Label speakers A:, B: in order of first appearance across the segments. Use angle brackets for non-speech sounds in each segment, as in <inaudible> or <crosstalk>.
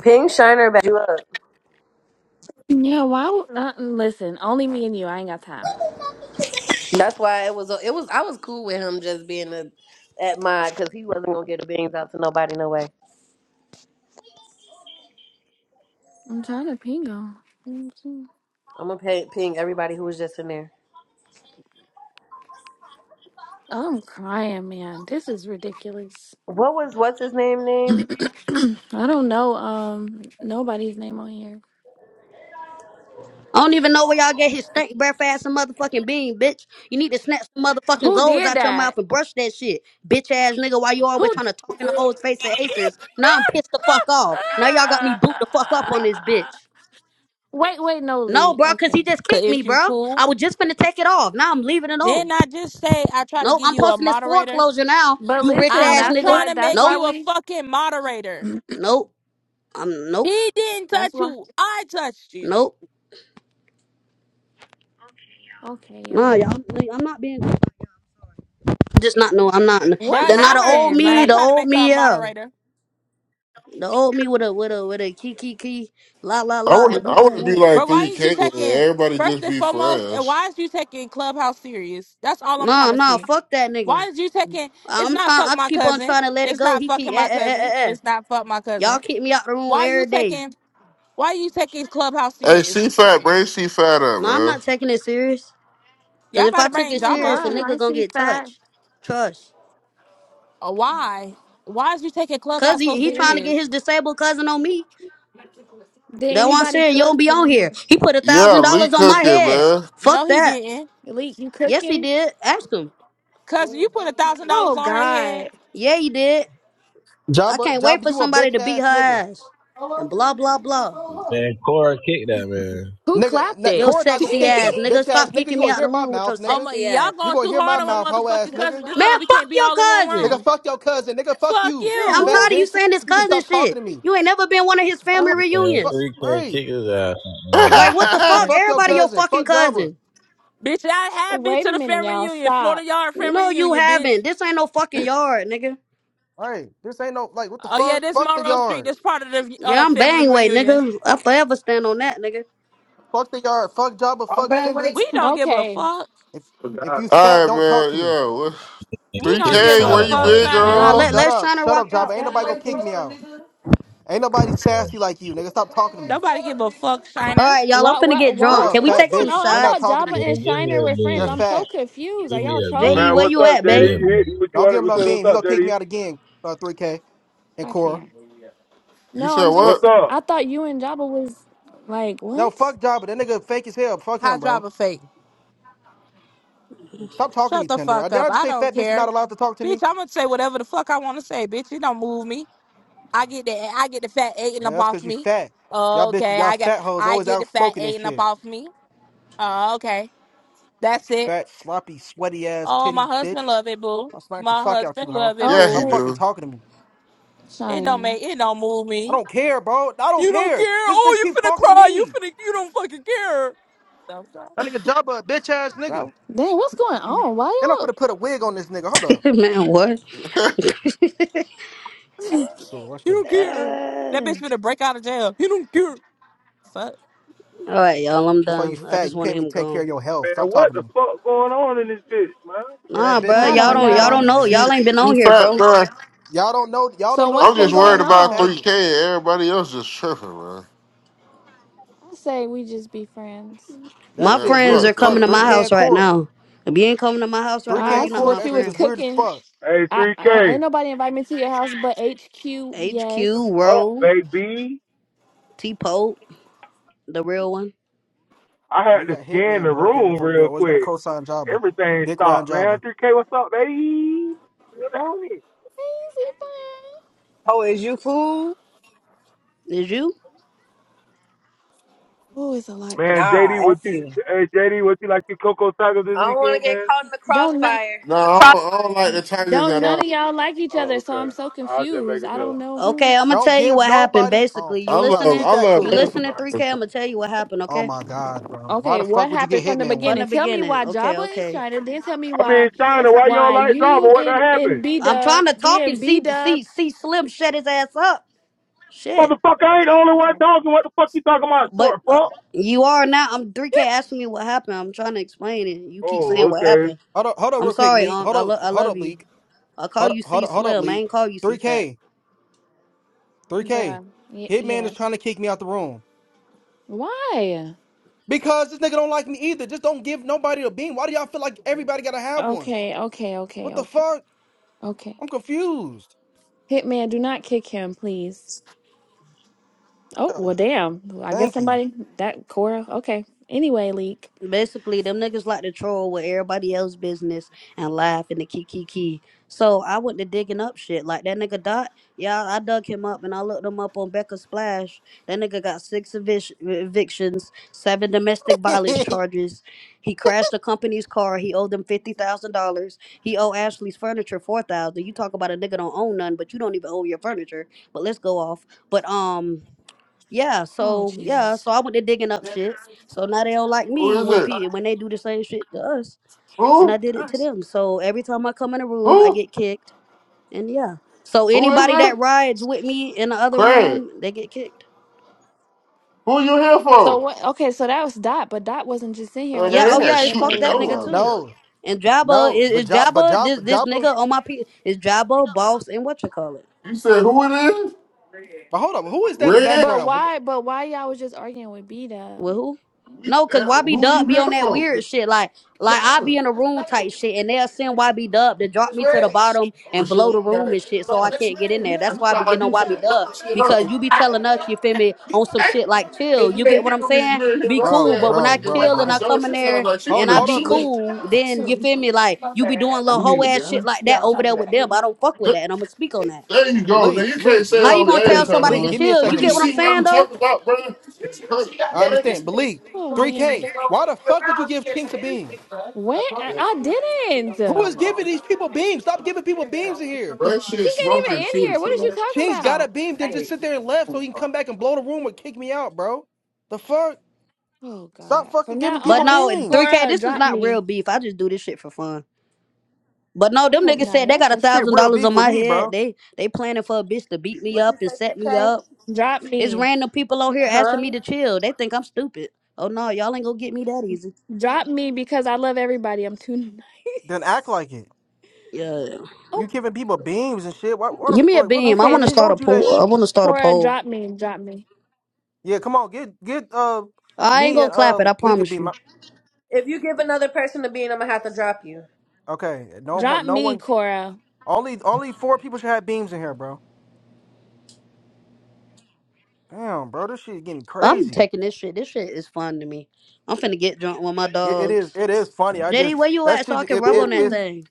A: Ping Shiner back you up.
B: Yeah, why would I, listen, only me and you. I ain't got time.
A: That's why it was. It was. I was cool with him just being a, at my because he wasn't gonna get the beans out to nobody. No way.
B: I'm trying to ping him.
A: I'm gonna pay, ping everybody who was just in there.
B: I'm crying, man. This is ridiculous.
A: What was what's his name?
B: <clears throat>
A: Name?
B: I don't know um nobody's name on here.
C: I don't even know where y'all get his stink breath ass and motherfucking bean, bitch. You need to snatch some motherfucking
B: Who
C: goals
B: did
C: out your
B: that?
C: mouth and brush that shit, bitch ass nigga. Why you always
B: Who
C: trying to talk
B: <laughs>
C: in the hoes face of acers? Now I'm pissed the fuck off. Now y'all got me boot the fuck up on this bitch.
B: Wait, wait, no
C: No,
B: Lee.
C: bro, cause he
B: Okay.
C: just
D: Cause
C: kicked me,
D: is you
C: bro.
D: cool?
C: I was just finna take it off. Now I'm leaving it on.
D: Didn't I just say I tried to
C: Nope,
D: give
C: I'm
D: you a
C: posting this
D: moderator?
C: foreclosure now.
B: But
C: You rich
B: listen,
D: I
C: ass
D: was
B: that's
C: nigga.
D: trying
B: why
D: to
B: that's
D: make
B: why
C: Nope,
D: you a
B: we
D: fucking moderator.
C: nope. I'm nope,
D: He didn't
B: that's
D: touch
B: why
D: you. I touched you.
C: nope.
B: okay,
C: Nah,
B: y'all.
C: y'all, I'm not being. Just not no. I'm not.
B: What
D: Bruh,
C: They're not the
D: y'all heard
C: old
D: me
B: happened?
D: said
C: me.
D: I
C: The
B: Like,
D: tried to
C: old
D: make her a
C: me, yeah.
D: moderator.
C: The old me with a with a with a key key key, la la
E: I
C: la,
E: want
C: and whoop
E: I want
C: whoop
E: to be
C: whoop.
E: like
D: But why is you
E: 3K and
D: taking
E: everybody
D: first
E: just
D: and
E: be
D: foremost, and
E: friends.
D: why is you taking Clubhouse serious? That's all I'm trying
C: Nah
D: to
C: nah,
D: see.
C: fuck that
D: Why
C: nigga.
D: is you taking it's
C: I'm
D: not
C: trying.
D: fuck
C: I
D: my
C: keep on
D: cousin.
C: trying to let it
D: It's
C: go.
D: not
C: He keep
D: fucking
C: eh
D: my
C: eh eh
D: cousin.
C: eh. eh.
D: It's not fuck my
C: Y'all
D: cousin.
C: kick me out the room
D: Why you
C: every day.
D: taking why you taking Clubhouse
E: Hey, C
D: serious?
E: Fat, bring C Fat up,
C: No, I'm
E: man.
C: not taking it serious. Cause
D: Y'all
C: if
D: about
C: I
D: to
C: took
B: oh
D: bring
C: it
B: my
D: Java up
C: serious, a
B: god,
D: too.
B: hi
C: nigga gonna
B: C
C: get touched. Trust.
D: Uh, Why? Why is you taking
C: Cause
D: Clubhouse so
C: he he
B: Did
C: trying to
B: any
C: get his
D: serious?
C: disabled cousin on me.
B: did
C: That one
B: anybody
C: saying you don't
B: cook?
C: be
B: Cause
C: on
B: I'm a
C: here. He put a
E: Yeah,
C: thousand
E: Lee
C: dollars on my
E: cooking,
C: head.
E: man.
D: No,
C: Fuck
D: he
C: that.
D: didn't.
B: elite. You
C: Yes he
B: cooking?
C: did. Ask him.
D: Cousin, you put a thousand dollars
B: Oh
D: on her head.
B: God!
C: Yeah he did. I
F: Jabba,
C: can't wait
F: Jabba,
C: for
F: you a
C: somebody
F: bitch
C: to beat
F: ass
C: her
F: nigga.
C: ass and blah blah blah.
G: Man, Cora kicked that man.
B: Who
F: Nigga,
B: clapped
F: n-
C: Yo
B: it?
F: Corey not gonna
C: sexy
F: kick me.
C: ass nigga,
F: Bitch
B: <laughs>
F: ass
C: stop
F: nigga,
C: kicking
F: you
C: me
F: gonna
C: out
F: hear
C: the
F: my
C: room with
F: mouth,
C: your
D: Oh
F: nigga.
D: my,
C: sexy ass.
D: y'all
F: You
D: going
F: gonna
D: too
F: hear my
D: hard on
F: mouth,
D: my
F: hoe ass
D: motherfucking
F: nigga.
D: cousin. This
C: Man,
D: why we
C: fuck
D: can't be
C: your
D: all in one
C: cousin.
F: Nigga,
D: room.
F: fuck your cousin. Nigga, fuck
D: Fuck
F: you,
C: Shit, I'm
D: you,
B: Who
F: fat
C: tired of you
F: bitch.
B: is?
C: saying this
F: You can
C: cousin
F: stop talking to
C: shit.
F: me.
C: You ain't never been one of his family
B: Oh,
G: Man,
F: Fuck,
C: reunions.
G: three K
F: right.
G: kick his ass. out,
E: <laughs> All
G: Man,
C: Like
D: <laughs>
C: what the
F: Nigga,
C: fuck?
F: fuck your
C: Everybody your
D: bitch.
F: cousin.
C: fucking
F: Fuck Jabba.
C: cousin.
D: I have been
B: wait
D: to
B: a
D: the
B: minute,
D: family
B: y'all.
D: reunion, Florida
B: Stop.
D: Yard family
C: No, you
D: reunion, bitch.
C: haven't. This ain't no fucking yard, nigga.
F: Right. This ain't no, like, what the
D: Oh yeah,
F: fuck?
D: this
F: Fuck the
D: Monroe Street.
F: yard.
D: That's part of the
C: Yeah,
D: uh,
C: I'm
D: family
C: bang weight,
D: reunion.
C: nigga. I forever stand on that, nigga.
F: Fuck the yard. Fuck Jabba. Fuck Tinder.
D: We don't give a
B: Okay.
D: fuck.
F: If if you fat,
E: right,
F: don't talk
E: man.
F: to me.
E: Yeah,
G: and
D: We don't
G: kick
D: give
E: 3K,
D: a
E: where
G: Sonic
E: you
D: fuck,
E: been,
G: ass out.
D: Shiner.
C: Nah,
B: Yeah.
E: girl?
C: let
G: Man,
F: Shut
C: let's
F: up.
C: try to
F: Shut
C: rock
F: up, Jabba.
C: out,
F: Ain't nobody gonna
C: man.
F: kick
B: What?
F: me out. Ain't nobody sassy like you, nigga. Stop talking to me.
D: Nobody give a fuck,
C: All
D: Shiner.
C: right, y'all. I'm finna
B: What?
C: get
F: Shut
C: drunk.
F: up,
B: What?
C: Can we
B: What's
F: fat
C: take
B: going
C: some
F: bitch.
B: on? I
F: We're not
B: thought
C: shots?
F: talking to
B: Jabba
F: you.
B: and
G: man give me
B: Shiner were
G: a
B: friends.
F: You're
G: bean.
B: I'm so
F: fat.
B: confused. Are
G: Give me
B: y'all
G: a
C: JD,
B: trolling?
H: Man,
C: where
G: bean.
H: what's
C: you
H: up,
C: at,
G: Give me
C: babe?
H: JD?
G: a
H: You
G: bean.
H: hit what you
F: Don't give
H: want?
F: him
H: What's
F: no
H: up, what's
F: beam. He
H: up,
F: gonna kick me
H: JD?
F: out again. Uh, 3K and
B: I
F: Cora.
B: can't.
E: You
B: No,
E: said
B: I'm
H: What's
B: just.
E: what?
H: up,
B: I thought you and Jabba was like
F: No,
B: what?
F: fuck Jabba. That nigga fake as hell. Fuck him,
D: High
F: bro.
D: driver fake.
F: Stop talking to me,
D: Shut the
F: Tender. I
D: fuck
F: did
D: up.
F: I just
D: I
F: say
D: don't
F: fat bitch. You
D: care.
F: not allowed to talk to
D: Bitch,
F: me.
D: I'm gonna say whatever the fuck I want to say, bitch. It don't move me. I get the I get the fat eating
F: Yeah,
D: up
F: that's
D: off
F: cause you
D: me.
F: fat. Y'all
D: Oh,
F: bitches,
D: Okay,
F: y'all
D: I got
F: fat hoes
D: I
F: always
D: get the fat
F: outspoken and
D: eating up
F: shit.
D: off me. Uh, okay, that's it.
F: Fat, sloppy, sweaty ass
D: Oh, my
F: titty bitch.
D: husband love it, boo.
F: I'll smack the
D: My
F: fuck out
D: husband
F: you, hoe.
D: love it,
E: Yeah, he
F: Stop
D: boo.
B: Okay,
F: fucking
E: do.
F: talking to me.
D: It don't
B: Shiner.
D: make it don't move
F: I
D: me.
F: don't care, bro. I don't
D: You don't care.
F: care. This
D: Oh,
F: bitch
D: you
F: keep
D: finna
F: talking to
D: cry. You
F: me.
D: finna you don't fucking care. So, so,
F: That nigga Jabba, a bitch ass nigga.
D: bro,
B: Dang, what's going
D: you
B: on? Why
F: And I'm
B: y'all?
F: finna put a wig on this nigga. Hold
C: <laughs>
F: up.
C: Man, what?
F: Cool, watch this.
D: don't care. That
C: Ah.
D: bitch finna break out of jail. You don't care. Fuck.
C: All right, y'all. I'm
F: That's why you
C: done. I
F: fat.
C: just
F: You
C: wanted
F: can't even
C: him
F: take care of
C: gone.
F: your health.
H: man?
F: Stop
H: What
F: talking to
H: the
F: me.
H: fuck going on in this bitch, man?
F: Yeah, that
C: Nah,
B: <laughs>
F: bitch
C: bro.
B: I
F: ass
C: Y'all
B: don't
F: nigga
C: don't.
F: better
C: Y'all
B: know.
F: got
C: don't
F: out of
C: know.
F: here.
E: C,
C: Y'all ain't been
E: C
C: on here,
E: Fat,
C: bro.
E: man.
F: Y'all don't know. Y'all
B: So
F: don't know the
B: what's
E: I'm
F: little
E: just
B: been
E: worried
B: going
F: sassy
E: about
B: on?
E: 3K
F: faggot.
E: and everybody else just tripping, man.
B: I say we just be friends.
F: That
C: My
E: Man,
F: shit
C: friends
F: weird
C: are
E: fuck
F: as
C: coming
E: that,
F: fuck.
C: to
F: Three
C: my
E: man.
F: can
C: house right
F: core.
C: now. If you ain't coming to my house right
F: Three
C: now,
B: I
F: can
C: you're
B: asked
C: not
F: core.
C: my
B: what you
F: That
B: was
F: shit is
C: friend.
F: weird as
B: cooking.
F: fuck.
H: Hey,
B: I, I ain't
H: 3K
B: nobody invite me to your house but HQ.
C: HQ,
B: Yes.
H: up,
C: Roll,
H: baby.
C: T Pope, the real one.
H: I
F: And
H: had
F: you
H: to
F: got
H: scan the
F: Hitman broke
H: room
F: ass over there.
H: real
F: Always got a
H: quick.
F: cosign Jabba.
H: Everything
F: Dick Ryan
H: stopped, man.
F: Jabba.
H: 3K, what's up, baby? What's on it?
B: Easy fun.
I: Oh, is you cool?
C: Is you?
B: Oh, it's a lot.
H: Man,
I: Nah,
H: JD, what
I: F
H: you?
I: you.
H: Hey, JD, what you like your Coco tacos this
A: I don't want
H: weekend,
A: to get
H: man?
A: caught in the
B: Don't no,
A: crossfire.
E: No, I don't, I don't like the Tigers
B: don't
E: at
B: none
E: all.
B: of y'all like each other,
H: Oh,
B: so I'm
H: okay.
B: so
H: I was just
B: confused.
H: making
B: I don't
H: sure.
B: know who.
C: Okay, I'm gonna
F: Don't
C: tell you
F: give
C: what happened.
F: nobody. Oh
C: Basically,
E: I
C: you
F: no,
E: love,
F: see
C: listening?
E: I
F: fat
E: love
C: You
F: cool.
C: listening? 3K.
E: everybody.
C: I'm gonna tell you what happened.
F: Oh
C: Okay.
F: my god, bro. Why
B: Okay,
F: the fuck
B: what
F: would you
B: happened
F: get
B: from the
F: Hitman
C: From
F: one?
C: the
B: beginning? Tell me
C: beginning.
B: why
C: Okay.
B: Jabba is
C: Okay.
B: China. Then tell me
H: I mean,
B: why
H: Steiner, why you don't
B: why
H: like Zaba?
B: you
H: What done
B: and and
H: happened?
B: B
C: I'm
B: Dub
C: trying to talk
B: then
C: and
B: B
C: see
B: Dub.
C: see see Slim shut his ass up. Shit.
H: Motherfucker, I ain't the only one
B: Okay,
H: talking. What the fuck you talking about,
C: But
H: short
C: uh,
H: fuck?
C: you are now. I'm 3K asking me what happened. I'm trying to explain it. You keep
H: Oh,
C: saying what
H: okay.
C: happened.
F: Hold up, hold up,
C: I'm
F: real quick,
C: sorry,
F: leak.
C: Unc.
F: Hold
C: I,
F: up,
C: love. I
F: hold
C: love
F: up,
C: you.
F: leak.
C: I call
F: Hold up,
C: you
F: hold
C: C
F: up, hold up,
C: Slim. I
F: leak.
C: ain't call you
F: Three
C: C Fat.
F: K,
B: <laughs>
F: three K.
B: bruh. Y-
F: Hitman is
B: yes.
F: trying to kick me out the room.
B: Why?
F: Because this nigga don't like me either. Just don't give nobody a beam. Why do y'all feel like everybody gotta have one?
B: Okay, okay, okay,
F: What the
B: okay,
F: fuck?
B: okay.
F: I'm confused.
B: Hitman, do not kick him, please. Oh,
F: Yeah,
B: well, damn. Well, I guess
F: thank you.
B: somebody, that Cora. Okay. Anyway, leak.
C: basically them niggas like to troll with everybody else's business and laugh in the key key key. So I went to digging up shit. Like that nigga Dot, yeah, I dug him up and I looked him up on Becca Splash. That nigga got six evic- evictions, seven domestic violence
F: <laughs>
C: charges. He crashed a company's car. He owed them fifty thousand dollars. He owed Ashley's furniture four thousand. You talk about a nigga don't own none, but you don't even own your furniture. But let's go off. But um. Yeah,
B: Oh,
C: so yeah,
B: Jesus.
C: so I went to digging up shit. So now they don't like
E: Who
C: me when
E: is it?
C: pe when they do the same shit to us, and
E: Who?
C: I did it to them. So every time I come in a room, I
E: Who?
C: get kicked, and yeah. So
E: Who is
C: anybody
E: this?
C: that rides with me in the other
E: Craig.
C: room, they get kicked.
E: Who you here
B: So
E: for?
B: what? Okay, so that was Dot, but Dot wasn't just in here
E: Oh,
B: when
C: Yeah,
E: they
C: oh
E: ain't
B: all
E: gonna
C: yeah, it's
E: shoot
B: everybody
E: the
C: fuck
B: was
C: that nigga
E: door up.
B: yelling.
C: too.
F: no,
C: And Jabba
F: no,
C: is,
F: but
C: is
F: job, but
C: Jabba
F: job,
C: this
F: but
C: this
F: job,
C: nigga
F: But
C: on my pe is Jabba boss and what you call it.
E: You said who it is?
F: hold up, who is that in the
E: Red.
B: But
F: background? What the-
B: why? But why y'all was just arguing with B Dub?
C: Well, who?
E: We,
C: No, cause
E: uh,
C: YB
E: who you
C: Dub be
E: here
C: on that
E: for?
C: weird
F: the-
C: shit. Like, like I be in a room type shit, and they'll send YB Dub to drop me to the bottom
E: Oh
C: and
E: shit,
C: blow
E: we
C: the
E: got
C: room
E: it.
C: and shit, so I
E: That's
C: can't get in
E: red. You
C: there. That's
E: sound
C: why I be getting
E: like
C: on
E: you
C: YB
E: finna wrap
C: Dub
E: this shit up.
C: because you be telling us, you feel me, on some shit like chill.
E: If
C: You
E: you
C: get
E: ain't
C: what I'm
E: hear me,
C: saying?
E: you ain't hear
C: Be
E: what I
C: cool.
F: bro,
E: said.
C: But
E: I'm
C: when I
F: bro,
E: finna get away
F: bro,
C: chill
E: from
C: and
E: the
C: I
F: bro.
E: door.
C: come
E: She
C: in
E: sounds
C: there
E: like she
F: Hold,
C: and I
E: finna
F: hold
C: be
F: up,
E: shoot
F: Leak.
E: it.
C: cool, then you feel me? Like you be doing
E: You
C: little hoe
E: need
C: ass shit
E: a
C: like that over there with them. I don't fuck with
E: gun?
C: that, and I'm gonna speak on that.
E: There you go. Now
F: Leak,
E: you can't
F: Leak,
E: say
C: How you
F: Leak,
E: all
C: gonna
E: your
C: tell
E: ass
F: Leak,
E: out
C: somebody to
E: of
F: Leak.
E: it.
F: Give me a
C: chill? You
E: But
F: second,
E: you
C: get what
F: Leak.
C: I'm
E: see what
C: saying
E: I'm
C: though?
E: talking about, bro? It's crazy, bro.
F: I understand. But Leak,
B: Oh man,
F: 3K, why the fuck would you give Chinks a beam?
B: when I, I didn't.
F: Who is
B: She
F: giving these people beams? Stop giving people beams in here.
E: That shit
B: ain't
E: smoking
B: even in
E: too,
B: here. What is you
E: so.
B: talking
F: Chase got a
B: about?
F: beam, then just sit there and left so he can come back and blow the room or kick me out, bro. The fuck?
B: Oh
F: Stop
B: God. From
F: fucking
B: now
F: giving
C: But
F: people
B: on,
C: no,
F: beams.
C: 3K,
B: Cora,
C: this is
B: drop
C: not
B: me.
C: real beef. I just do this shit for fun. But no,
B: I
C: them
B: hope
C: niggas
B: not.
C: said they
B: Y'all
C: got a
F: This
B: just
F: Shit,
C: thousand
F: real
C: dollars
F: beef
C: on
F: with
C: my
F: me,
C: head.
F: bro.
C: They they planning for a bitch to beat me
A: What you
C: up and
A: say, three
C: set me
A: K?
C: up.
B: drop
C: It's
B: me.
C: random people on here asking
A: Huh?
C: me to chill. They think I'm stupid. Oh no, y'all ain't gonna get me that easy.
B: Drop me because I love everybody. I'm too <laughs>
F: Then act
B: nice.
F: like it.
C: Yeah.
B: Oh,
F: You giving people beams and shit. What, what the
C: Give me a
F: fuck? What the
C: beam. I
F: fuck?
B: okay.
F: I
C: wanna
F: just
B: Just
C: start a
F: told you that.
C: poll. I wanna start a
B: Cora,
C: poll.
B: drop me. Drop me.
F: Yeah, come on, get get uh
C: I ain't
F: me
C: gonna
F: and
C: clap it,
F: uh
C: I
F: Lee could
C: promise
F: beam.
C: you.
A: If you give another person a bean, I'm gonna have to drop you.
F: Okay, no one,
B: Drop
F: no
B: me,
F: one.
B: Cora.
F: Only only four people should have beams in here, bro. Damn, bro, this shit is getting
C: I'm
F: crazy.
C: taking this shit. This shit is fun to me. I'm finna get drunk with my
F: It, it
C: dogs.
F: is it is funny. I just
C: JD, where you
F: that
C: at so I
F: shit.
C: can
F: If
C: rub
F: if
C: on that
F: if
B: Ooh,
C: thing?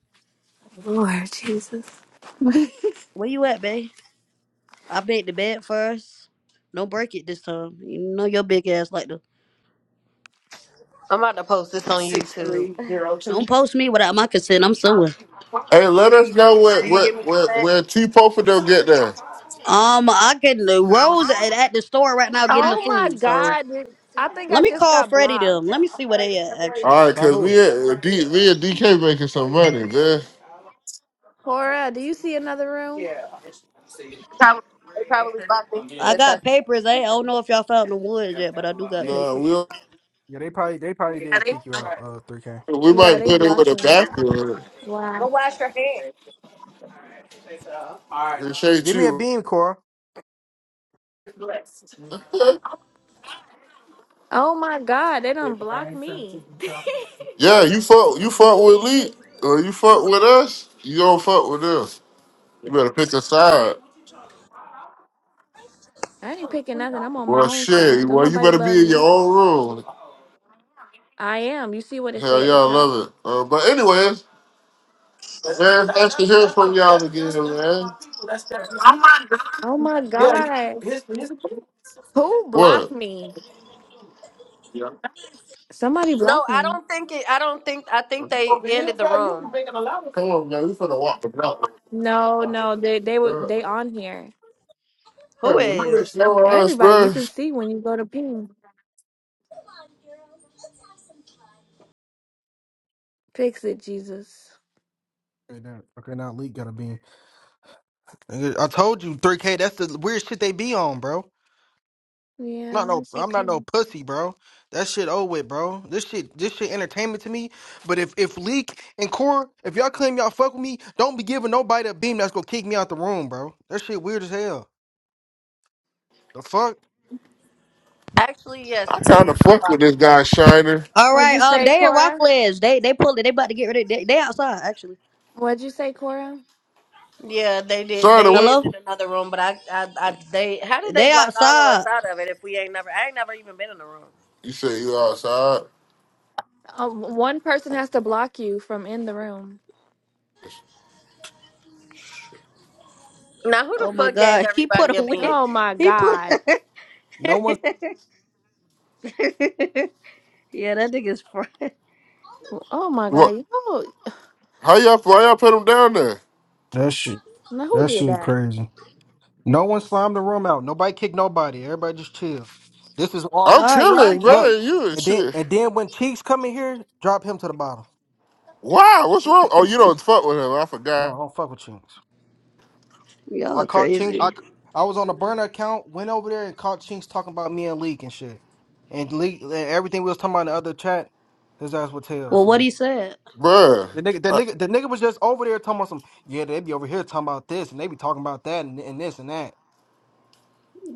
B: Lord Jesus.
C: Where you at, babe? I made the bed first. Don't break it this time. You know your big ass like to.
A: I'm about to post this on YouTube.
C: Don't post me without my consent. I'm suing.
E: Hey, let us know where
A: Do you
E: where
A: give me
E: where,
A: consent?
E: where T Popa don't get there.
C: Um, I can. Rose at, at the store right now getting the
B: Oh my
C: food. So
B: God. I think
C: let
B: I
C: me
B: just
C: call
B: got
C: Freddie them.
B: blocked.
C: Let me see where they at. Actually,
E: All right,
F: by
E: cause
F: who?
E: me and D, me and DK making some money, man.
B: Cora, do you see another room?
A: They probably blocked me.
C: I
A: Good,
C: got
A: Tussy.
C: papers. I, I don't know if y'all found the woods yet, but I do got
E: No, we
C: papers.
E: don't-
F: Yeah, they probably they probably did kick you out. Uh, three K.
E: we
B: Yeah,
E: might
B: they
E: put it with
B: blocked
E: a
B: me.
E: bathroom.
A: Go
B: Wow.
A: wash your hands.
E: Appreciate
F: Give me a
E: you.
F: beam, Cora.
E: <laughs>
B: Oh my God. They don't block me. <laughs>
E: Yeah, you fuck you fuck with Lee or you fuck with us, you don't fuck with us. You better pick a side.
B: I ain't picking nothing. I'm on my
E: Well
B: own side.
E: shit,
B: Don't
E: well you
B: nobody
E: better be
B: love
E: in your
B: me.
E: own room.
B: I am. You see what it
E: Hell
B: say at
E: yeah,
B: the
E: I
B: top.
E: love it. Uh, but anyways, man, thanks to hear from y'all again, man.
B: Oh my God. Who blocked
E: What?
B: me? Somebody
A: No,
B: blocked
A: I
B: me.
A: don't think it. I don't think. I think
E: You
A: they
E: over here,
A: ended the
E: bro, you be
A: room.
E: making a lot of Come on, man, we finna walk the block.
B: No, no, they they were
E: bro.
B: they on here.
E: Hey,
A: Who
E: when you
A: is?
E: been showing us,
B: Everybody, you
E: bro,
B: can see when you go to ping. Fix it, Jesus.
F: Okay, that okay, now Leak got a beam. Nigga, I told you, 3K, that's the weird shit they be on, bro. I'm not
B: Yeah,
F: no
B: it's
F: I'm not no
B: okay.
F: pussy, bro. That shit old with, bro. This shit this shit entertainment to me. But if if Leak and Core, if y'all claim y'all fuck with me, don't be giving nobody a beam that's gonna kick me out the room, bro. That shit weird as hell. The fuck?
A: Actually, yes,
E: I
A: we did.
E: kinda fuck with
A: block.
E: this guy Shiner.
C: All
B: What'd
C: right.
B: you
C: Um,
B: say,
C: they in
B: Cora?
C: Rockledge. They they pulled it. They about to get ready. They, they outside actually.
B: What'd you say, Cora?
A: Yeah, they did.
E: Shiner, we
A: They is in
C: Hello.
A: another room, but I, I, I, they. How did they
C: They
A: block all of us
C: outside.
A: out of it if we ain't never? I ain't never even been in the room.
E: you say you outside.
B: Um, one person has to block you from in the room.
A: Now, who the
C: Oh my
A: fuck gave
C: God. <laughs> He put a
A: everybody a
C: wig.
A: bean?
B: Oh my
C: He put.
B: God.
F: No one
C: <laughs> Yeah, that nigga's fried. <laughs> All
B: Oh my
E: What
B: God. Oh,
E: how y'all why y'all put him down there?
F: That shit
B: now who
F: that
B: did
F: shit
B: that?
F: crazy. no one slimed the room out. Nobody kicked nobody. Everybody just chill. This is all
E: I'm
C: right, y'all,
E: chilling,
F: Look,
E: man. You and
F: and then
E: shit.
F: and then when Cheeks come in here, drop him to the bottom.
E: Wow, what's wrong? Oh, you don't fuck with him. I
F: No,
E: forgot,
F: I don't fuck with Chinks. I
C: y'all
F: caught Chinks. I,
C: crazy.
F: I was on a burner account, went over there and caught Chinks talking about me and Leak and shit, and Leak and everything we was talking about in the other chat. His ass would tell.
C: Well, what
F: So
C: he said
E: bruh.
F: the nigga, the
E: Uh,
F: nigga, the nigga was just over there talking about some. Yeah, they be over here talking about this and they be talking about that and, and this and that.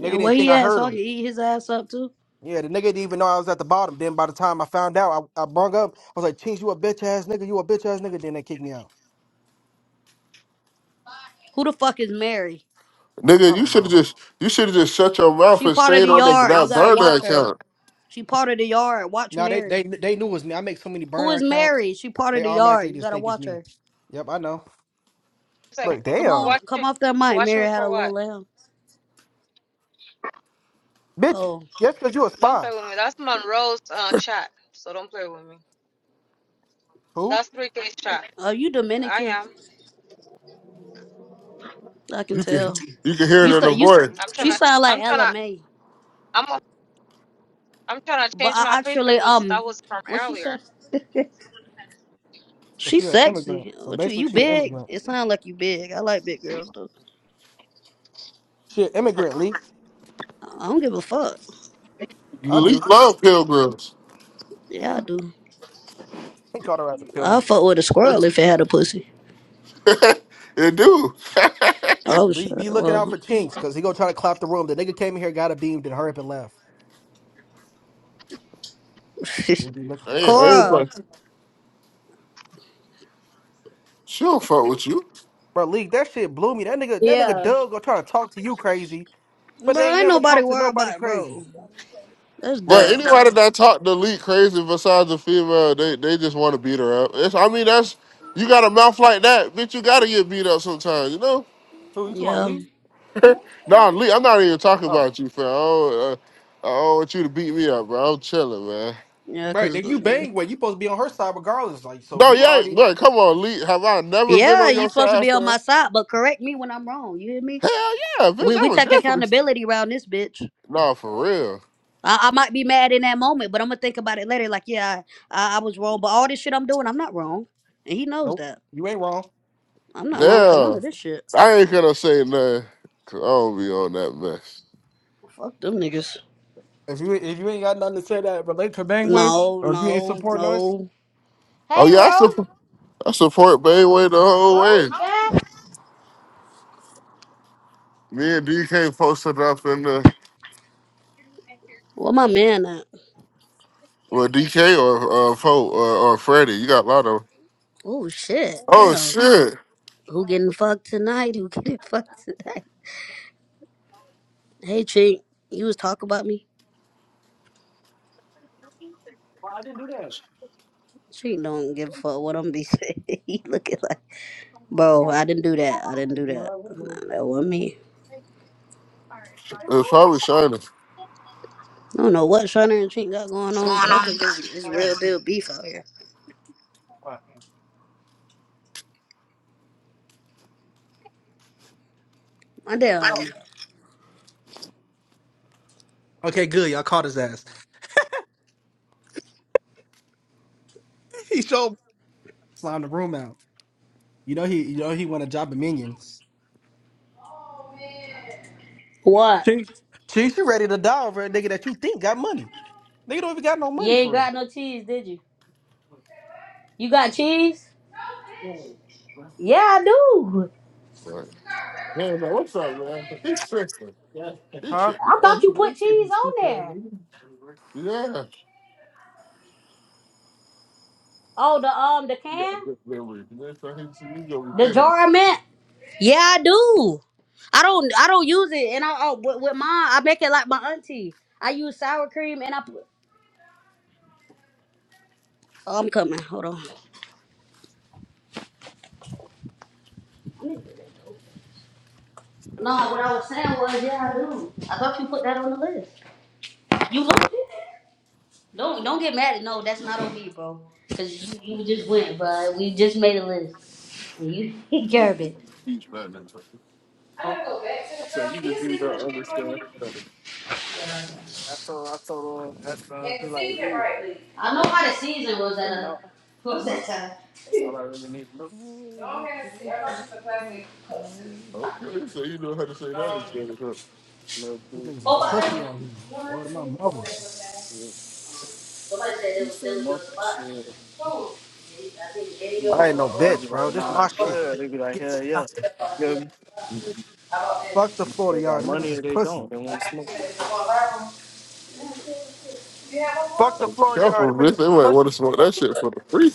F: Nigga
C: and where
F: didn't think
C: he
F: I
C: at,
F: heard
C: so I
F: him.
C: can eat his ass up too.
F: Yeah, the nigga didn't even know I was at the bottom. Then by the time I found out, I, I brung up. I was like, Chinks, you a bitch ass nigga. You a bitch ass nigga. Then they kicked me out.
C: Who the fuck is Mary?
E: nigga,
F: I
E: you
F: don't
E: should have
F: know.
E: just you should have just shut your mouth
C: She
E: and
C: part of
E: stayed
C: the
E: on that,
C: yard. You
E: that
C: gotta
E: burner
C: watch her.
E: account.
C: She part of the yard. Watch
F: No, they
C: Mary.
F: they they knew it was me. I make so many
C: Who
F: burner
C: is
F: accounts,
C: Mary? She part of
F: they
C: the
F: automatically
C: yard. You
F: just
C: gotta
F: think it's
C: watch
F: me.
C: her.
F: Yep, I know.
J: Say,
F: Look,
C: Come
F: damn,
C: on,
J: watch
C: come
J: it.
C: off that mic.
J: Watch
C: Mary
J: me
C: had
J: for
C: a little
J: what?
C: lamb.
F: bitch.
C: Oh,
F: Yes, because you a
J: Don't
F: spy.
J: play with me. That's Monroe's uh, chat, so don't play with me.
F: Who?
J: That's 3K's chat.
C: are you
J: I
C: Dominican?
J: am.
C: I can
E: You can
C: tell.
E: you can hear it
C: You
E: in the
C: said you. s-
E: voice.
J: I'm trying
C: She
J: to.
C: sound like
J: I'm
C: Ella
J: trying to.
C: May,
J: I'm. I'm trying to
C: but
J: change
C: I
J: my picture
C: actually
J: because
C: um,
J: that was from
C: what she
J: earlier.
C: said. <laughs>
F: So
C: She's
F: she an immigrant.
C: sexy.
F: So
C: What you?
F: basically,
C: You
F: she an
C: big?
F: immigrant.
C: It sounds like you big. I like big girls though.
F: She an immigrant. Lee,
C: I don't give a fuck.
F: I do.
E: Elite
F: <laughs>
E: love pilgrims.
C: Yeah, I do.
F: He called her out to kill
C: I
F: me.
C: fuck with a squirrel if
E: <laughs>
C: it had a pussy.
E: it do. <laughs> I
C: Oh
F: Lee,
C: shit.
F: be looking out for
C: Well,
F: chinks, cause he gonna try to clap the room. The nigga came in here, got a beam, then hurry up and left. You'll be looking.
C: <laughs>
E: ain't,
F: that's
E: I
F: you.
E: ain't
C: Cora,
E: fuck. She don't fuck with you.
F: Bro, Lee, that shit blew me. That nigga, that nigga
A: Yeah.
F: Doug gonna try to talk to you crazy, but they
C: bro,
F: ain't
C: ain't
F: never
C: nobody
F: talked to
C: worried
F: nobody
C: about it,
F: crazy.
C: bro. That's
E: But
C: dumb,
E: anybody
C: bro.
E: that talk to Leak crazy besides a female, they, they just want to beat her up. It's, I mean, that's you got a mouth like that, bitch. You gotta get beat up sometimes, you know.
F: Who you talking about,
C: Yeah,
F: Lee?
E: Nah, Lee, I'm not even talking
F: Oh,
E: about you, fam. I don't, uh, I don't want you to beat me up, bro. I'm chilling, man.
C: yeah,
F: Right.
C: cause
F: If you bang with, you supposed to be on her side regardless. Like, so
E: No,
F: you
E: yeah,
F: already
E: look, come on, Lee. Have I never been
C: yeah,
E: on your
C: you supposed to
E: side,
C: be on
E: fam?
C: my side, but correct me when I'm wrong. You hear me?
E: Hell yeah, bitch.
C: We
E: I
C: we
E: was
C: take
E: definitely.
C: accountability around this bitch.
E: Nah, for real.
C: I, I might be mad in that moment, but I'm gonna think about it later. Like, yeah, I, I, was wrong, but all this shit I'm doing, I'm not wrong, and he knows
F: nope.
C: that.
F: You ain't wrong.
C: I'm not wrong for none
E: Damn.
C: of this shit.
E: I ain't gonna say nothing, 'cause I don't be on that mess.
C: Fuck them niggas.
F: If you if you ain't got nothing to say that relate to Bangway,
C: No,
F: or if you ain't
C: no,
F: supporting us,
C: no.
E: Oh, yeah, I, support I support Bayway the whole way. Me and DK posted up in the.
C: Where my man at?
E: Well, DK or uh, Pope or, or Freddie. You got a lot of.
C: Oh shit,
E: Oh,
C: damn.
E: shit.
C: Who getting fucked tonight? Who getting <laughs> fucked tonight? Hey, Chink, you was talking about me.
F: well, I didn't do that.
C: Chink don't give a fuck what I'm be saying. <laughs> he looking like, bro, I didn't do that. I didn't do that. Nah, that wasn't me.
E: It was probably Shiner.
C: I don't know what Shana and Trink got going on, but I think it's it's real deal beef out here. My damn.
F: Okay, good. Y'all caught his ass. <laughs> he showed slime the room out. You know he you know he want a job of minions.
C: What?
F: Chief, Chief, you ready to die over a nigga that you think got money? Nigga don't even got no
C: You
F: money
C: ain't
F: for it,
C: got no cheese, did you? You got cheese? Yeah, I do.
E: Hell no, what's up, man? He trickster. He
F: huh?
E: trickster.
C: I
E: Well, he
C: thought you put
E: works in
C: cheese
E: his
C: on
E: stupid
C: there.
E: Yeah.
C: Oh, the um, the
E: He got a
C: can,
E: good memory. Next time he see me, he gonna be
C: the
E: thinking of
C: jar I meant. Yeah, I do. I don't I don't use it, and I oh, with, with mine I make it like my auntie. I use sour cream, and I put. Oh, I'm coming. Hold on. No, what I was saying was, yeah, I do. I thought you put that on the list. You looked it. Don't don't get mad. at No, that's not on me, bro. Cause you, you just went, bro. We just made a list. And you <laughs>
E: me.
C: garbage.
E: He's bad
C: I gotta go back to the
E: I said,
C: stuff. Can
E: you just
C: you
E: need
C: season
E: to
C: the chicken for
E: understand
C: me
E: that.
C: and season it rightly? I know how the season was at a <laughs> was that time.
F: <laughs>
C: Don't have to see. I got you some plastic cups too.
E: Okay, so you know how to say that
C: Um.
E: instead of her.
F: These niggas is
C: Oh, but
F: pussy
C: that
F: out here.
C: one
F: Word of my
C: thing oh,
F: mother.
C: that's okay. Somebody said they was still in your spot. I think Eddie or or
F: I ain't no
C: or
F: bitch, bro. This
C: or.
F: my shit. Gets nothing.
C: or- or- or-
F: Fuck the Florida yard. Them niggas is pussy.
C: You
F: Fuck the Florida yard.
E: Careful,
F: Them niggas
E: bitch. They
F: is
E: might want to
F: pussy.
E: smoke that shit for the free.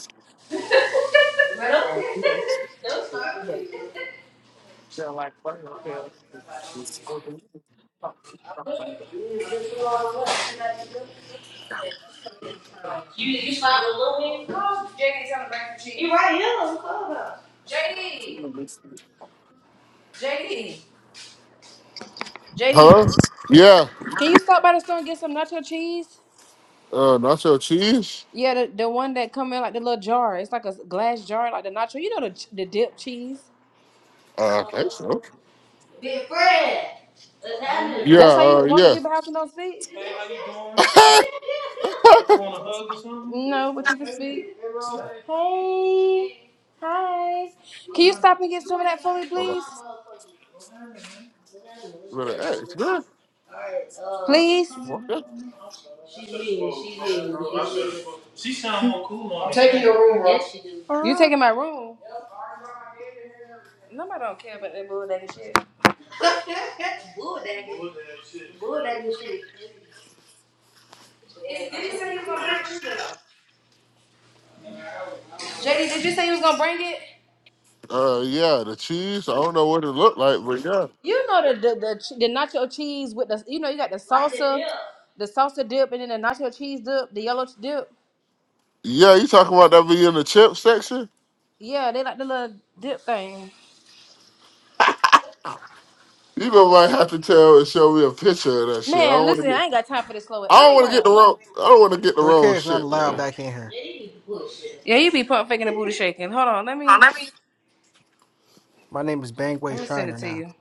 C: you find a little bit. Oh, J D's on the brain for cheese. You right here on the clubhouse. JD,
E: Huh? Yeah.
C: Can you stop by the store and get some nacho cheese?
E: Uh, nacho cheese?
C: Yeah, the, the one that come in like the little jar. It's like a glass jar, like the nacho. You know the the dip cheese. Uh
E: Uh, I think
C: oh.
E: so.
C: Big Fred.
E: Yeah,
C: That's how
E: uh,
C: you walk in
E: yeah.
C: people's house and don't speak. Hey, how you doing?
E: <laughs>
C: What you want a hug or something? No, but you can speak. Hey. Hi. Can you stop and get some of that fully,
E: uh,
C: please?
E: better ask,
C: Please.
E: man.
C: She's mean. She's mean. She sound more cool on. I'm taking your room, bro. Yes, she do. You
F: Uh,
C: taking my room? Nobody don't care about that bulldog shit. <laughs> Bulldog. Bulldog shit. Bulldog shit. JD, did you say you was gonna bring it?
E: Uh, yeah, the cheese. I don't know what it looked like, but yeah,
C: You know the the, the the nacho cheese with the you know you got the Like the salsa, dip. the salsa dip, and then the nacho cheese dip, the yellow dip.
E: yeah. You talking about that being in the chip section?
C: Yeah, they like the little dip thing.
E: You gonna might have to tell and show me a picture of that shit. I
C: Man,
E: don't want
C: listen,
E: to
C: I
E: get.
C: ain't got time for this slow.
E: I
C: Where
E: don't
C: they
E: want to get the
C: going?
E: wrong. I don't want to get the
F: Three
E: wrong
F: K is not
E: shit,
F: allowed
E: man.
F: back in here.
C: Yeah, you be pump faking and booty shaking. Hold on, let me
F: My name is
C: let
F: Bangway
C: me send it
F: Shiner
C: to
F: now.
C: you.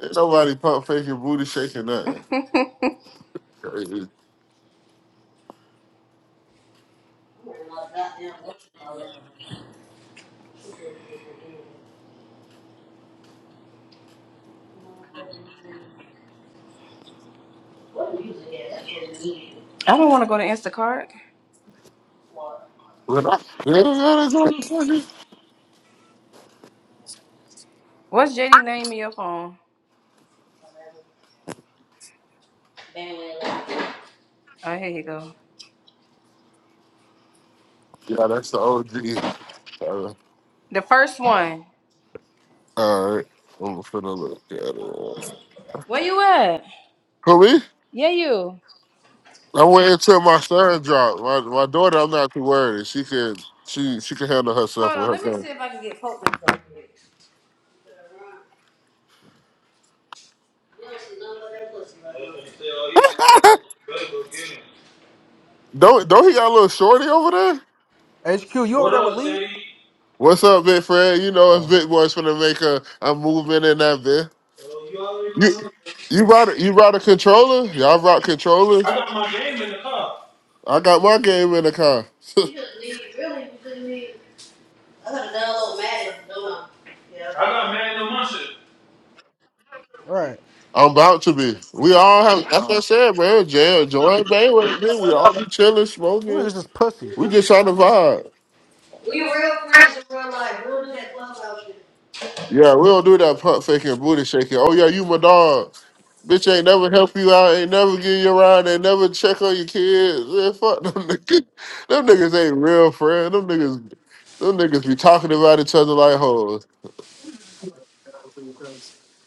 E: Ain't nobody pump faking, booty shaking, nothing. Crazy.
C: I don't want to go to Instacart.
E: When I-
C: What's JD name in your phone? Oh, here you go.
E: Yeah, that's the OG. Uh,
C: The first one.
E: all right, I'm finna look at it.
C: Where you at?
E: For me,
C: Yeah, you.
E: I'm waiting till my son drop. My my daughter, I'm not too worried. She can she she can handle herself
C: Hold on,
E: with
C: let me
E: her.
C: see if I can get Pope.
E: Don't don't he got a little shorty over there?
F: HQ, you over
C: What
F: there with
C: up,
F: League?
C: JD?
E: What's up, big friend? You know
F: Oh,
E: it's big boys finna make a, a movement in that bit.
C: Yo, you
E: You
C: already know.
E: you brought a, you brought a controller? Y'all brought controllers?
C: I got my game in the car.
E: I got my game in the car.
C: No, yeah. I got mad no my shit.
F: all right.
E: <laughs> I'm about to be. We all have that's what I said, man. Jail, joint Bay with me. We all be chilling,
F: Them
E: smoking.
F: niggas is pussy.
E: We just trying to vibe.
C: We real friends in real life. We'll do that clubhouse shit.
E: Yeah, we don't do that pump faking, booty shaking. Oh yeah, you my dog. Bitch ain't never help you out, ain't never give you a ride. ain't never check on your kids. Man, fuck them <laughs> niggas. Them niggas ain't real friends. Them niggas, them niggas be talking about each other like hoes.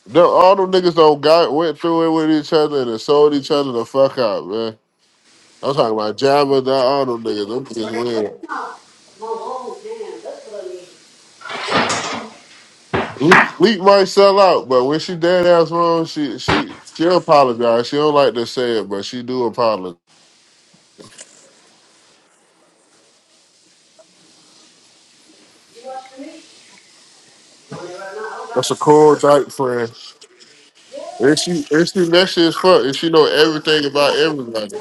E: Them, all them niggas don't got went through it with each other and then sold each other the fuck out, man. I'm talking about Jabba, not all them niggas. Them niggas weird. Leak, Leak might sell out, but when she dead ass wrong, she she she apologize. She don't like to say it, but she do apologize. That's a cool type friend. And she and she messy as fuck. And she know everything about everybody.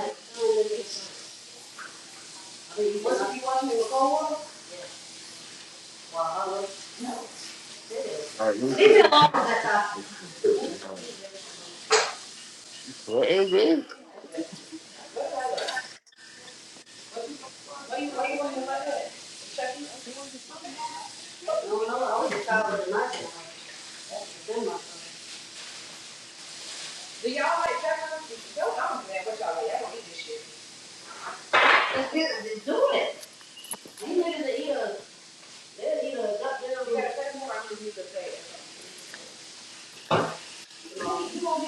E: What is it? What the fuck?
C: You know.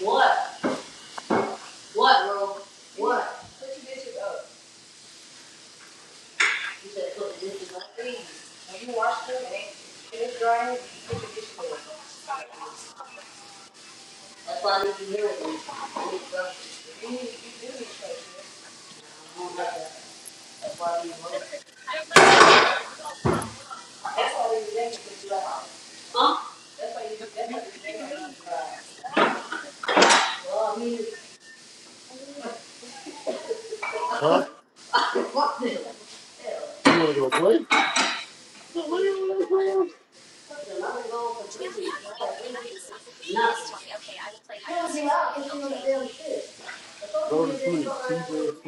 C: What? What, bro? What? You said put the bitches like me. That's why I need you here with me. I need- I don't like that. That's why I need you, bro. Huh? You-
E: Huh? You wanna go play? No, what do you wanna play? with?
C: Nothing. Tell you out because you know the damn shit. I told you
E: Go
C: you
E: to
C: didn't go
E: sleep.
C: right after
E: TJ
C: the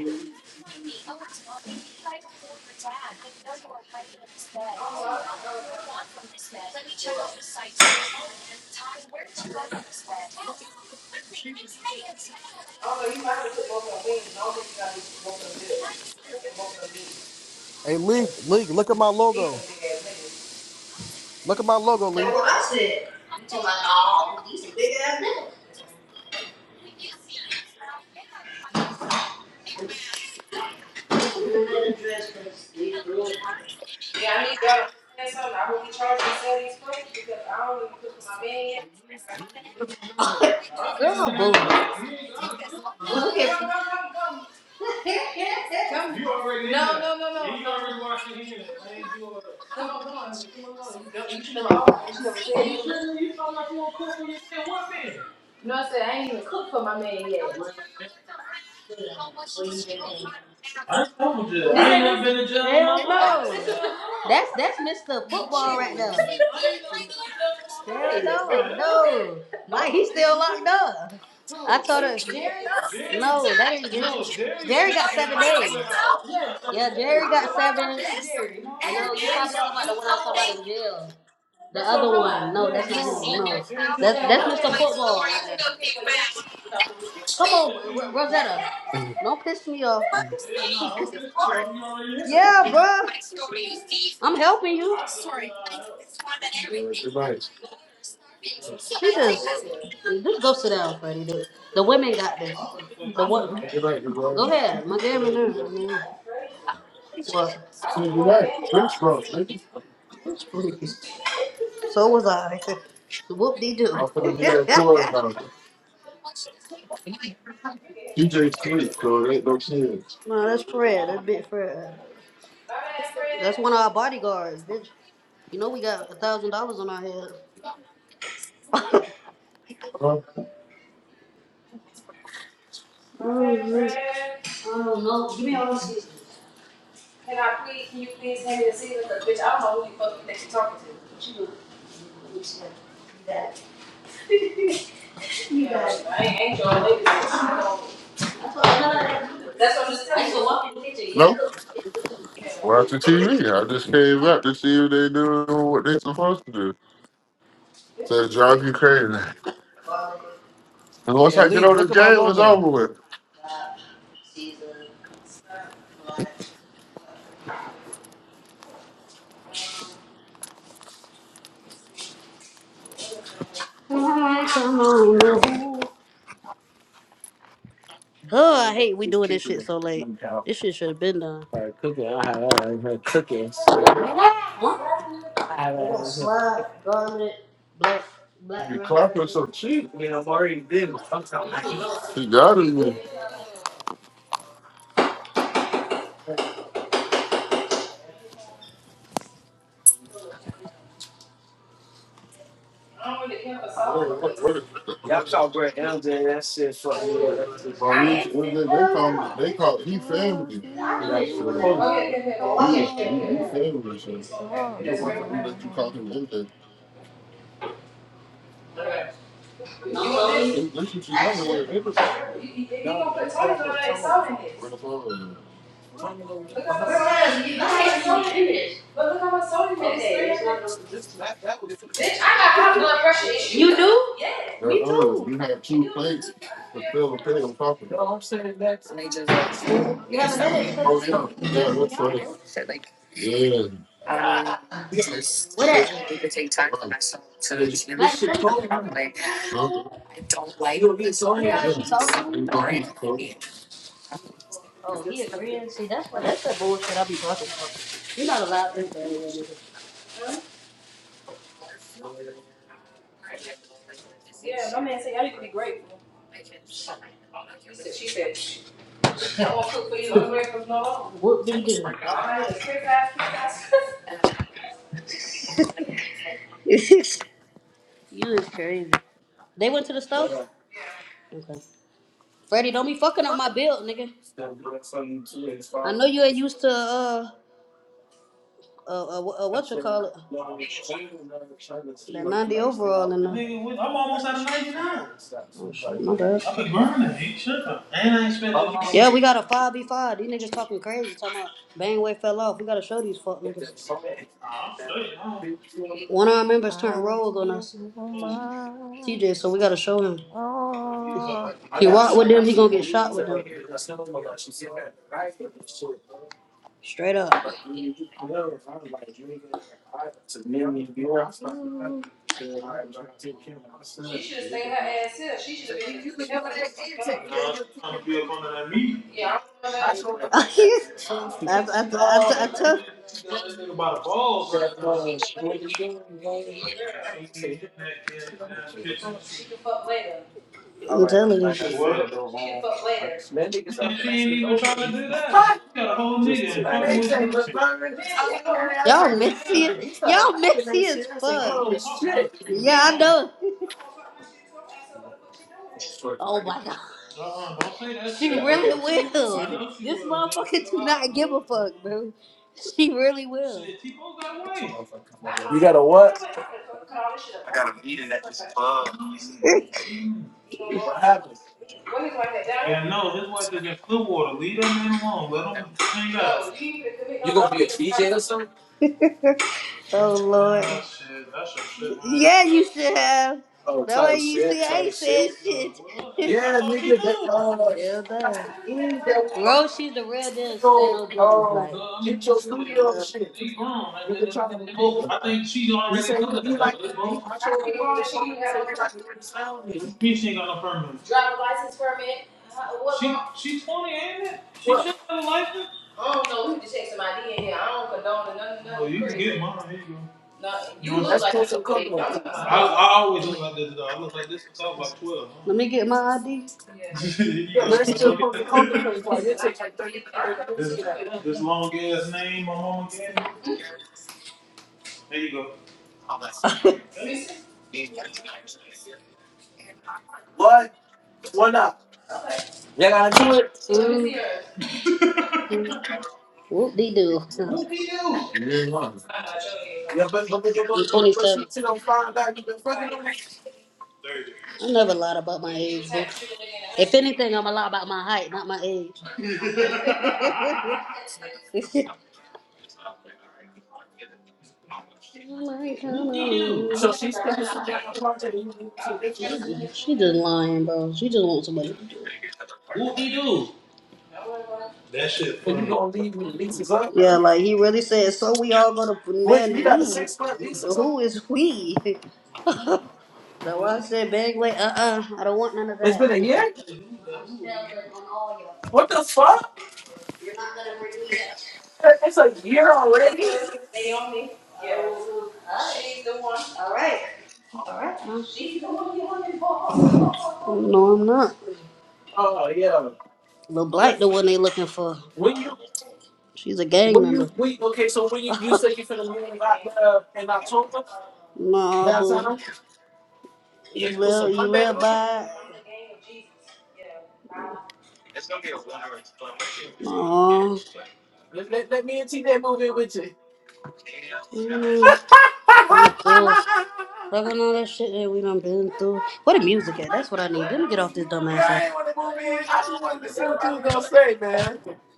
C: Oh, no, you probably took both of them wings. I don't think you got to both of them bills. I
E: sleep.
C: mean, both of them meat.
F: Hey, League, League, look at my
C: These are
F: logo.
C: big ass niggas.
F: Look at my logo, League.
C: Yeah, I need y'all to say something. I hope you charge me sell these plates because I don't even cook for my man yet. Girl, boo. Come at come, come, come, come. come. You already No, in there. no, no, no. Yeah, You no. already washing hands. I ain't doing all that. Come on, come on, come on, come on. You don't you should never always you never said you, should you talking like you don't cook for your man. What man? No, I said I ain't even cooked for my man yet. I ain't never been to jail. in Hell my life. no. That's that's Mr. Football right there. Hell no, Hey, no. Like he's still locked up. Who? I told her Jerry? Jerry? no, that ain't Jerry. No, Jerry Jerry got seven days. her. Yeah, Jerry got seven. Jerry. No. No, you talking about the one I was talking about in jail. The That's other one. No, Yeah, that's no, not him. uh-uh. No. That's that's Mr. Football right Come on, R- Rosetta. Don't piss me off. <laughs> Yeah, no, Yeah, bruh. I'm helping you. She just just go sit down, Freddie. The, the women got this. The what? Go ahead. My damn nerve. What?
E: So you're right. Prince Rock, nigga.
C: please. So was I. <laughs> Whoop de doo.
E: I'm
C: <laughs>
E: finna be on tour about it. DJ Sweet, so it ain't no kids.
C: no, that's Fred. That's big Fred. That's one of our bodyguards, bitch. You know we got a thousand dollars on our head.
E: Huh?
C: Fred. I don't know. Give me all those seasons. Can I please? Can you please hand me a season? Cause bitch, I don't know who the fuck you think you're talking to. Yeah, you know, I ain't, ain't your lady. bitch. That's what I'm just telling you. I show up to yeah.
E: No? Watch the TV. I just came up to see if they doing what they supposed to do. So it drive you crazy. And once
F: Hey,
E: I get
F: League,
E: on this
F: look at my
E: game, it's
F: logo.
E: over with.
C: Season. I come on. Huh, I hate we doing this shit so late. This shit should have been done. Huh? I got slide, garment, black,
E: You
C: black
E: be
C: ground
E: clapping
C: pepper.
E: so cheap.
C: I'm on the low.
E: He got it. man.
C: I don't really care for
E: Yeah,
C: salt
E: what,
C: because
E: what, is Y'all call Brett MJ, that shit fucked me up. That shit- Maurice,
C: cayenne.
E: what they they
C: Hell
E: call me,
C: yeah.
E: they
C: Bitch, you,
E: call, he family.
C: I do this one. that.
E: So,
C: Oh, yeah, yeah, yeah. Well, watch yeah, this
E: you,
C: shit.
E: you, you
C: Yeah,
E: family,
C: yeah.
E: so.
C: Get smoked pepper.
E: You know,
C: That's
E: watch
C: regular
E: out. We
C: pepper.
E: let you call him MJ.
C: Okay. You no, want this?
E: And that's what you got in
C: Actually.
E: when it Where
C: You- you- If you going to put Tony's on that, it's salt in this.
E: the phone?
C: Look how much salt in this. Look how much salt in this. But look how much salt in this. Okay, it's not the Bitch, I got high blood pressure issues. You do? Yeah.
E: There are. You
C: Me
E: They're ours.
C: too.
E: You have two plates to fill the pig on top of it. No, I'm saying that's.
C: You have a headache because of
E: Oh, yeah.
C: you. You
E: Yeah,
C: stress me
E: that's
C: out,
E: right.
C: bro.
E: So, like, Yeah.
C: What up?
E: I Need
C: Matt, come
E: Right. Huh?
C: You hear how she talking to you?
E: Ain't no need Probably. cook.
C: Oh, he agreeing. See, that's what that's the bullshit I be talking about. You're not allowed to play that, nigga. Yeah, my man said y'all need to be grateful. He said, she said, I won't cook for you. I'm grateful for no longer. Whoop dee doo. Alright, I need is quick ass, quick ass. <laughs> you is crazy. They went to the stove? Okay. Freddie, don't be fucking up my bill, nigga. I know you ain't used to uh uh, uh, uh what you call it? That 90 overall in the. Nigga, I'm almost out of 99. Oh shit, my bad. I've been grinding. You tripping. And I ain't spent no. Yeah, we got a 5v5. These niggas talking crazy, talking about Bangway fell off. We gotta show these fuck niggas. Nah, I'm straight, huh? One of our members turned rogue on us, Cool. TJ, so we gotta show him. He walk with them, he gonna get shot with them. Straight up. She should have stayed her ass here. She should have been in the kitchen helping. No, she's trying to be up under that meat. Yeah, I don't know that. <laughs> Yeah. I, I I, that. I, She I, got took. that nigga, she got that nigga by the balls right now. she's a She in that damn kitchen. She can fuck later. I'm telling you. She what? She can fuck later. Man, she ain't even trying to do that. She got a whole nigga and fucking with this man. Man, she had a whole nigga. Y'all messy. Yeah. as- Y'all messy as I'm fuck. I'm gonna talk my shit Yeah, I know. <laughs> I'm gonna fuck my shit too. I'm going what the fuck she doing here. Oh my god. Uh-uh, don't say that She shit, really will. I know she This will, motherfucker do not give a fuck, bro. She really will. Shit, T-Bow got away. I know that. You know what? I'm gonna fuck- cut all this shit up right. now. <laughs> Mm. What his wife had done? And no, his wife is in Clearwater. Leave that man alone. Let him clean up. So you need to commit no adultery around him. Oh Lord. Oh, shit. That's some shit, man. Yeah, you should have. The way you see, I ain't saying Uh, shit. well, hey, I thought she knew. Hell no. Bro, she's the real deal. Stand no business, like. No, I mean, shit. Yeah. They grown. They, they, they both, I think she already know that, though. They both. I speak grown and she ain't got no me, she ain't got no permit. Driver license permit. How- What? She she's twenty, ain't it? She should have a license. I don't know. We need to check some ID in here. I don't condone none none Well, you crazy. can get mine. Here you go. No, you look like you could be. i I, always look like this though. I look like this since I was about twelve. Huh? Let me get my ID. Yeah. <laughs> you go, motherfucker. This This- this long ass name my mama gave me. There you go. Mrs. What is yours? Whoop de doo. Whoop de doo.
E: You ain't lying.
C: I'm 27. I never lied about my age, bro. If anything, I'm a lie about my height, not my age. <laughs> I'm like, hold on. She she just lying, bro. She just wants somebody to do it. That shit funny. Yeah, like he really said, so we all gonna man you. So Who is we? <laughs> That's why I said, bang, wait, uh uh, I don't want none of that. <laughs> You're not gonna bring me down. No, I'm not. Lil Black, the one they looking for. She's a gang member. No, boo. You live, you live by it. No. Mm-mm. See, cool. Fucking all that shit that we done been through. What the music at? That's what I need. Let me get off this dumbass ass.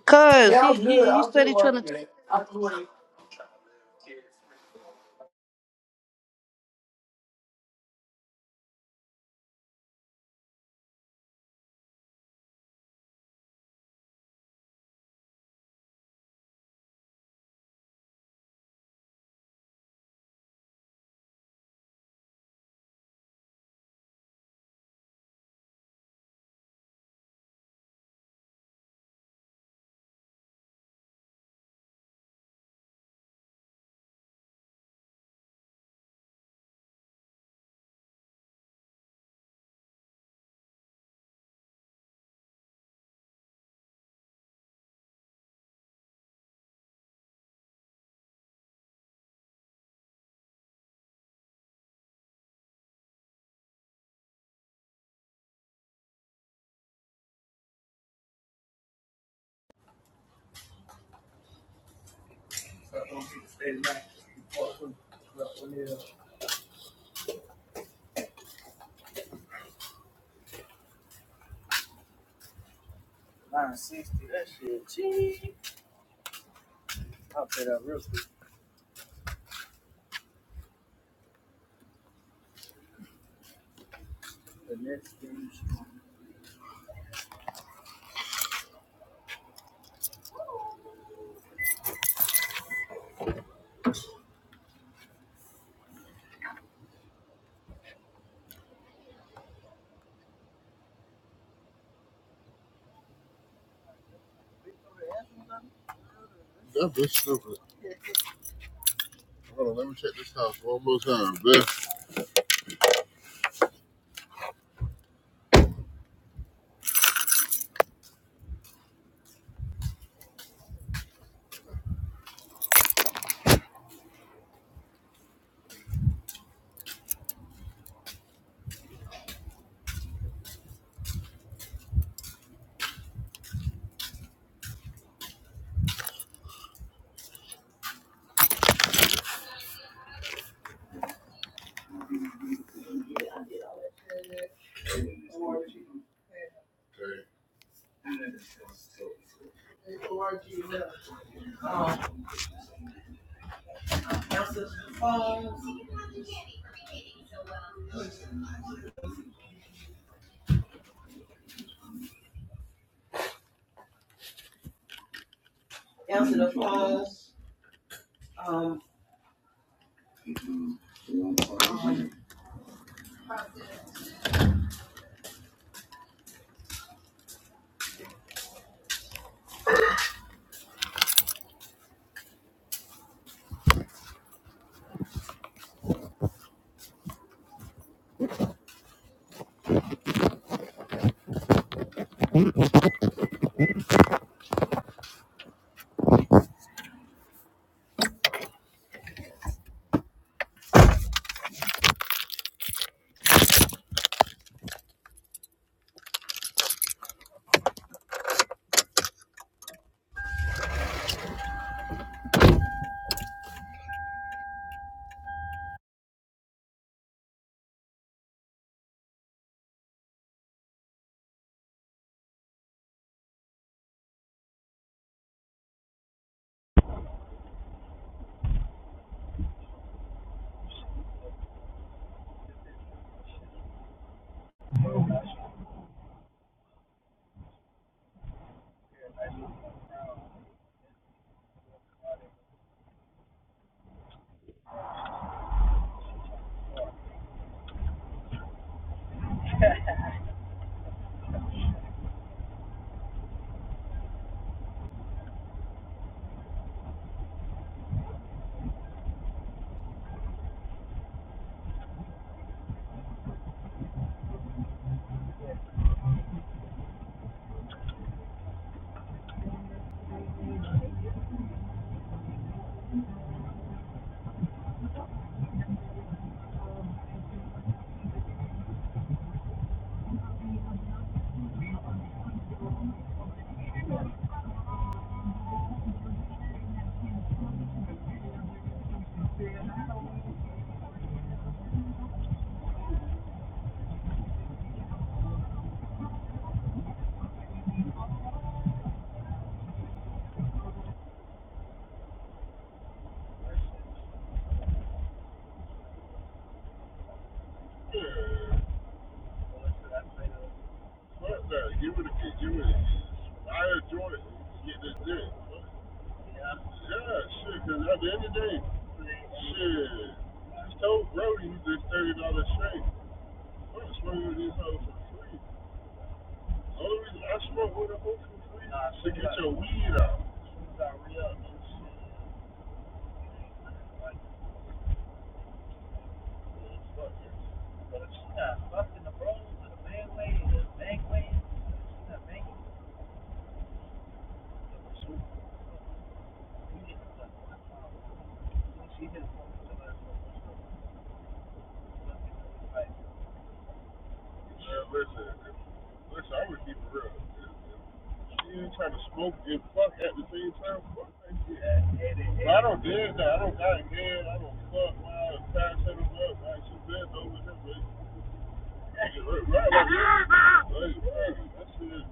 C: Cuz he, he, he said he trying to.
E: That bitch stupid. Hold on, let me check this house one more time. This. What the? Give it a kick. Give it a kick. I enjoy it. Get this dick. Yeah, shit. Cause at the end of the day, Shit. I Told Brody he just thirty dollars straight. So to get your man, listen, listen, I'm gonna keep it real. If You trying to smoke and fuck at the same time? Fuck that shit. But I don't dare that. I don't got a man. I don't fuck. my I pass him up? Why she bent over him? Right, right, right. That shit.